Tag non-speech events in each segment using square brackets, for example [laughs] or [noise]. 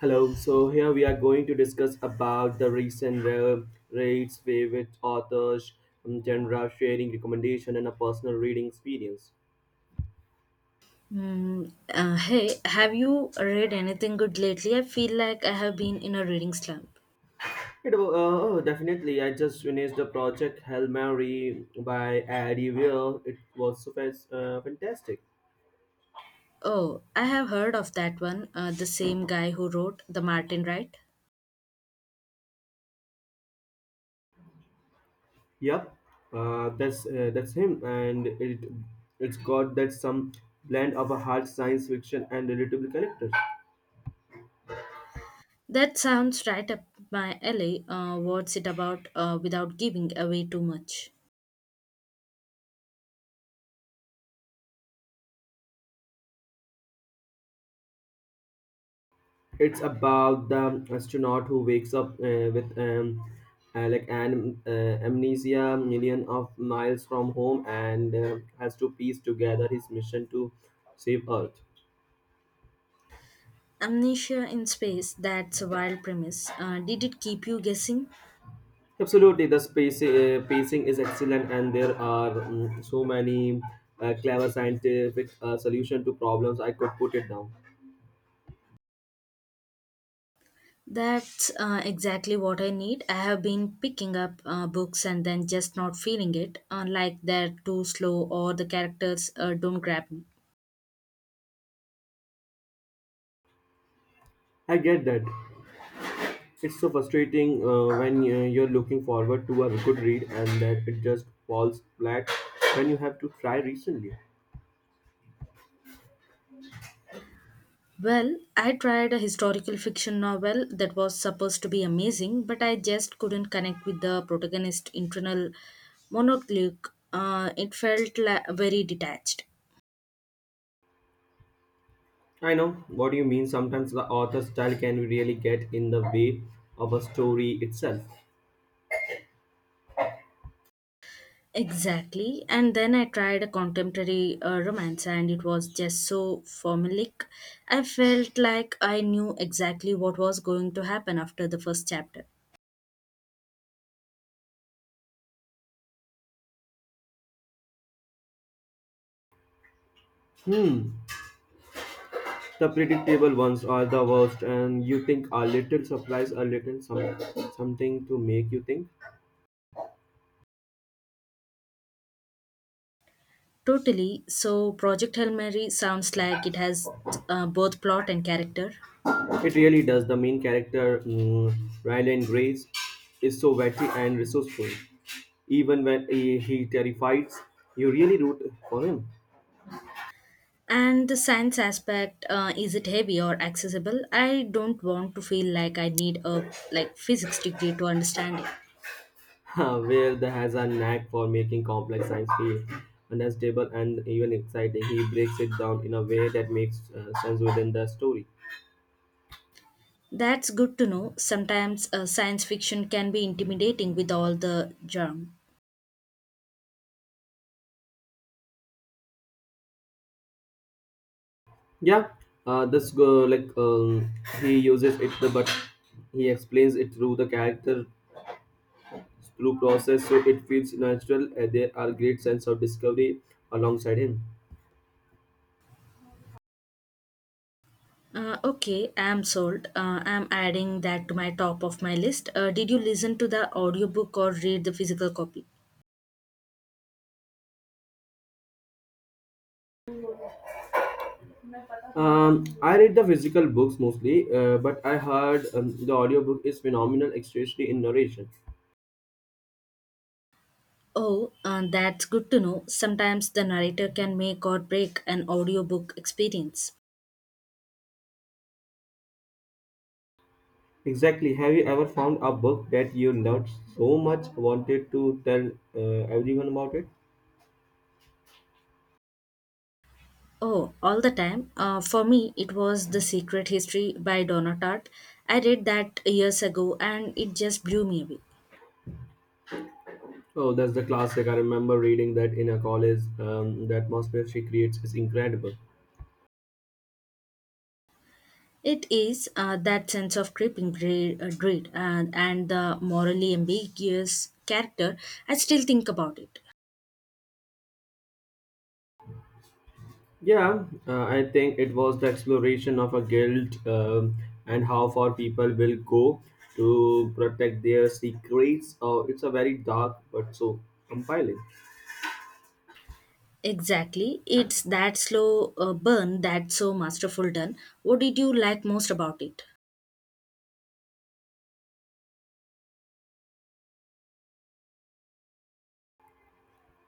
Hello. So here we are going to discuss about the recent rates, favorite authors, genre, sharing recommendation, and a personal reading experience. Hey, have you read anything good lately? I feel like I have been in a reading slump. Oh, definitely. I just finished the project Hail Mary by Eddie Weir. It was so fantastic. Oh, I have heard of that one, the same guy who wrote The Martin, right? Yep, that's him, and it's got that some blend of a hard science fiction and relatable characters. That sounds right up my alley. What's it about without giving away too much? It's about the astronaut who wakes up with like an amnesia, million of miles from home, and has to piece together his mission to save Earth. Amnesia in Space, that's a wild premise. Did it keep you guessing? Absolutely, the space pacing is excellent, and there are so many clever scientific solution to problems. I could put it down. That's exactly what I need. I have been picking up books and then just not feeling it, like they're too slow or the characters don't grab me. I get that. It's so frustrating when you're looking forward to a good read and that it just falls flat when you have to try recently. Well, I tried a historical fiction novel that was supposed to be amazing, but I just couldn't connect with the protagonist's internal monologue. It felt very detached. I know what do you mean. Sometimes the author's style can really get in the way of a story itself. Exactly. And then I tried a contemporary romance, and it was just so formulaic. I felt like I knew exactly what was going to happen after the first chapter. Hmm. The predictable ones are the worst, and you think a little surprise, a little some, something to make you think. Totally. So, Project Hail Mary sounds like it has both plot and character. It really does. The main character, Ryland Grace, is so witty and resourceful even when he terrifies, you really root for him. And the science aspect, is it heavy or accessible? I don't want to feel like I need a like physics degree to understand it. [laughs] Where the has a knack for making complex science feel understandable and even exciting. He breaks it down in a way that makes sense within the story. That's good to know. Sometimes science fiction can be intimidating with all the jargon. Yeah, this go like he uses it, the, but he explains it through the character through process, so it feels natural. And there are great sense of discovery alongside him. Okay, I'm sold. I'm adding that to my top of my list. Did you listen to the audiobook or read the physical copy? I read the physical books mostly, but I heard the audiobook is phenomenal, especially in narration. Oh, that's good to know. Sometimes the narrator can make or break an audiobook experience. Exactly. Have you ever found a book that you loved so much, wanted to tell everyone about it? Oh, all the time. For me, it was The Secret History by Donna Tartt. I read that years ago and it just blew me away. Oh, that's the classic. I remember reading that in a college. The atmosphere she creates is incredible. It is, that sense of creeping dread, dread and the morally ambiguous character. I still think about it. Yeah, I think it was the exploration of a guild and how far people will go to protect their secrets. It's a very dark but so compiling. Exactly. It's that slow burn that's so masterful done. What did you like most about it?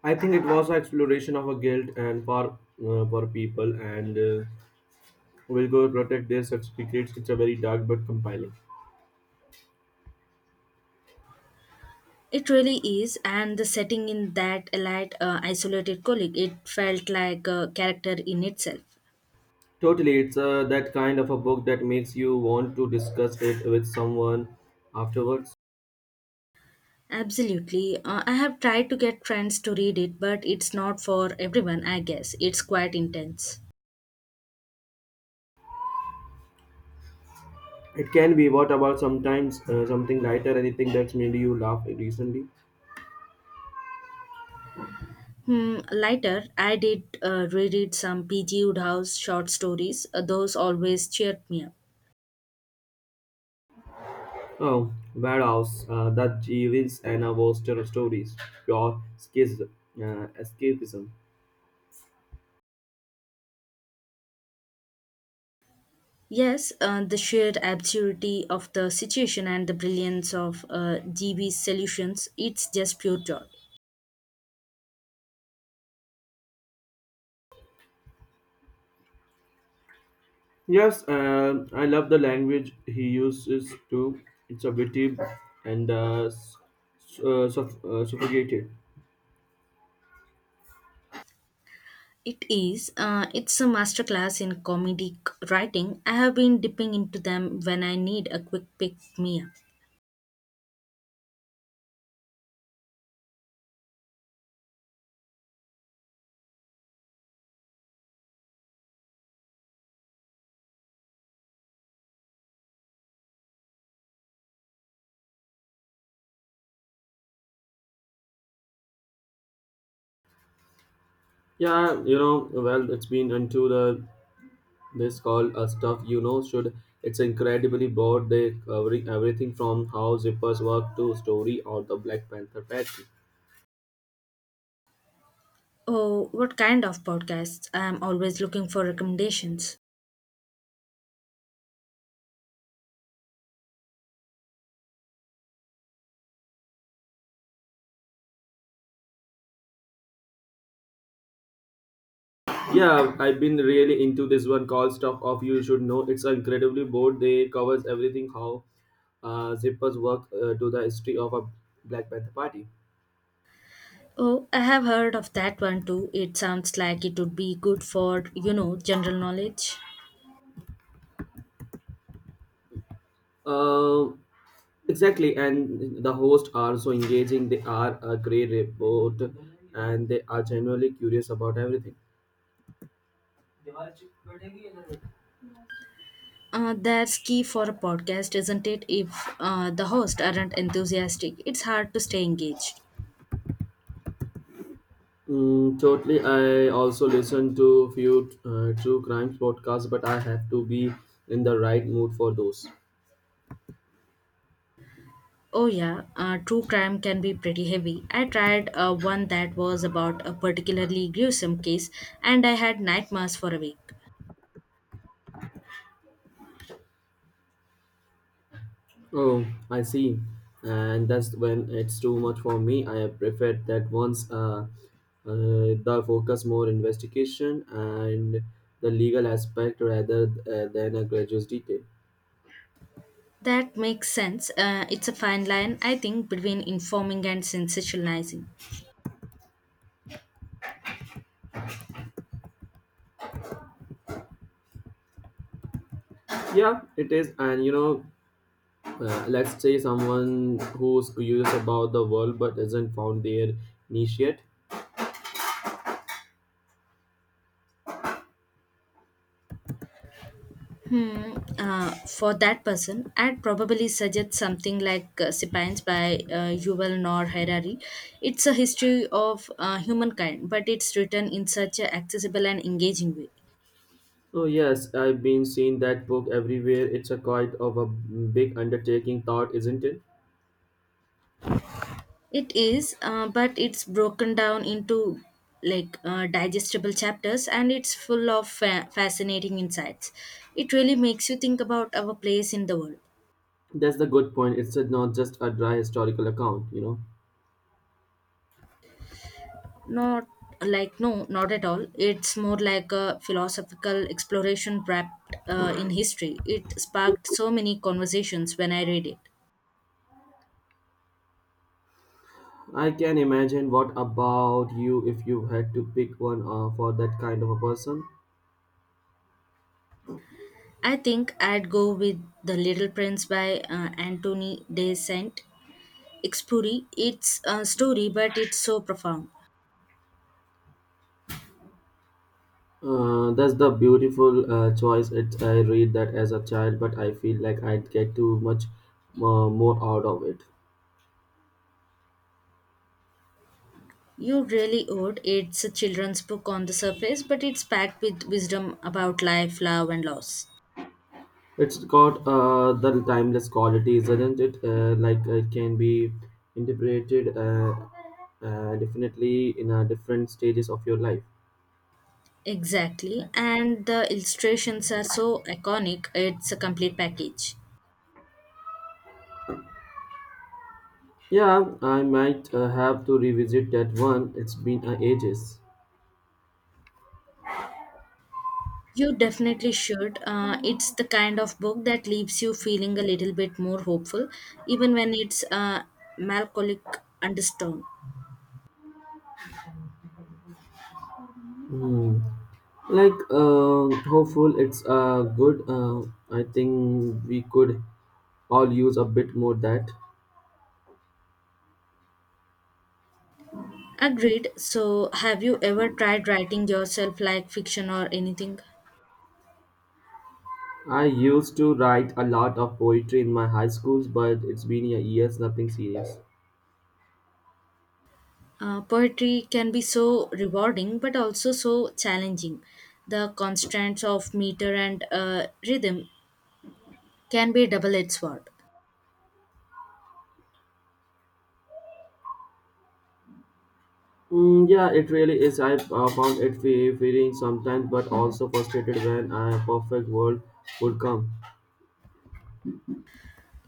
I think it was an exploration of a guild and for people and will go protect their secrets. It's a very dark but compiling. It really is, and the setting in that light, isolated colleague, it felt like a character in itself. Totally, it's that kind of a book that makes you want to discuss it with someone afterwards. Absolutely. I have tried to get friends to read it, but it's not for everyone, I guess. It's quite intense. It can be. What about sometimes something lighter? Anything that's made you laugh recently? Hmm, later, I did reread some P.G. Woodhouse short stories. Those always cheered me up. Oh, warehouse, the Jeevils and our Worcester stories, pure escapism. Yes, the sheer absurdity of the situation and the brilliance of GB's solutions, it's just pure joy. Yes, I love the language he uses too. It's a witty and suffocated. It is, it's a masterclass in comedic writing. I have been dipping into them when I need a quick pick me up. Yeah, you know, well, it's been into the this called a stuff you know should. It's incredibly broad. They covering everything from how zippers work to story or the Black Panther pattern. Oh, what kind of podcasts? I am always looking for recommendations. Yeah, I've been really into this one called Stuff of You Should Know. It's incredibly broad. They covers everything how zippers work to the history of a Black Panther party. Oh, I have heard of that one too. It sounds like it would be good for, you know, general knowledge. Uh, exactly, and the hosts are so engaging. They are a great report, and they are genuinely curious about everything. That's key for a podcast, isn't it? If the hosts aren't enthusiastic, it's hard to stay engaged. Totally. I also listen to few true crime podcasts, but I have to be in the right mood for those. Oh, yeah, true crime can be pretty heavy. I tried one that was about a particularly gruesome case, and I had nightmares for a week. Oh, I see. And that's when it's too much for me. I prefer that once the focus more investigation and the legal aspect rather than a gradual detail. That makes sense. It's a fine line, I think, between informing and sensationalizing. Yeah, it is. And you know, let's say someone who's curious about the world but isn't found their niche yet. Hmm. For that person, I'd probably suggest something like Sapiens by Yuval Noah Harari. It's a history of humankind, but it's written in such an accessible and engaging way. Oh yes, I've been seeing that book everywhere. It's a quite of a big undertaking thought, isn't it? It is, but it's broken down into like digestible chapters, and it's full of fascinating insights. It really makes you think about our place in the world. That's the good point. It's not just a dry historical account, you know. Not like, no, not at all. It's more like a philosophical exploration wrapped in history. It sparked so many conversations when I read it. I can imagine what about you if you had to pick one for that kind of a person. I think I'd go with The Little Prince by Anthony de Saint Exupéry. It's a story, but it's so profound. That's the beautiful choice. It, I read that as a child, but I feel like I'd get too much more out of it. You really would. It's a children's book on the surface, but it's packed with wisdom about life, love, and loss. It's got the timeless quality, isn't it? Like it can be interpreted definitely in different stages of your life. Exactly, and the illustrations are so iconic, it's a complete package. Yeah, I might have to revisit that one. It's been ages. You definitely should. It's the kind of book that leaves you feeling a little bit more hopeful, even when it's melancholic undertone. Hmm. Like hopeful, it's good. I think we could all use a bit more that. Agreed. So, have you ever tried writing yourself like fiction or anything? I used to write a lot of poetry in my high schools, but it's been years, nothing serious. Poetry can be so rewarding but also so challenging. The constraints of meter and rhythm can be a double edged sword. Mm, yeah, it really is. I found it feeling sometimes, but also frustrated when a perfect world would come.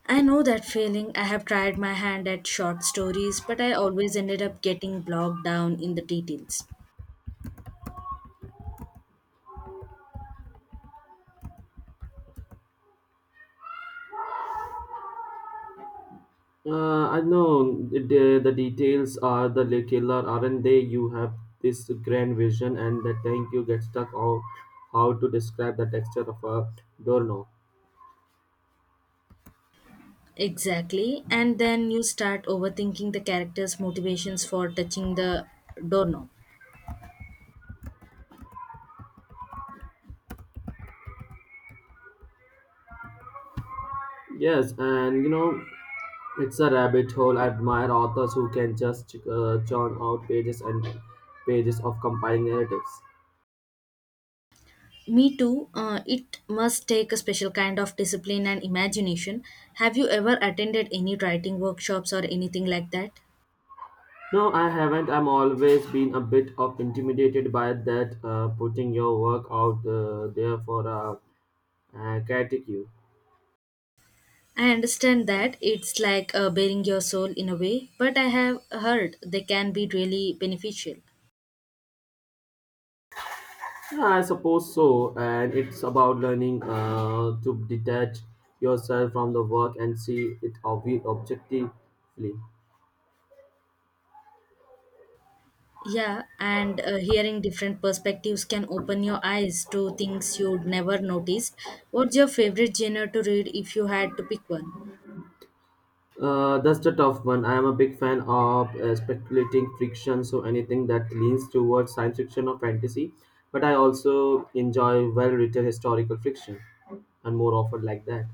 I know that feeling. I have tried my hand at short stories, but I always ended up getting bogged down in the details. I know it, the details are the killer, aren't they? You have this grand vision, and the tank you get stuck on how to describe the texture of a doorknob. Exactly. And then you start overthinking the character's motivations for touching the doorknob. Yes, and you know, it's a rabbit hole. I admire authors who can just churn out pages and pages of compiling narratives. Me too. It must take a special kind of discipline and imagination. Have you ever attended any writing workshops or anything like that? No, I haven't. I'm always been a bit of intimidated by that putting your work out there for a critique you. I understand that it's like bearing your soul in a way, but I have heard they can be really beneficial. Yeah, I suppose so. And it's about learning to detach yourself from the work and see it objectively. Yeah, and hearing different perspectives can open your eyes to things you'd never noticed. What's your favorite genre to read if you had to pick one? That's the tough one. I am a big fan of speculating fiction, so anything that leans towards science fiction or fantasy. But I also enjoy well-written historical fiction, and more often like that.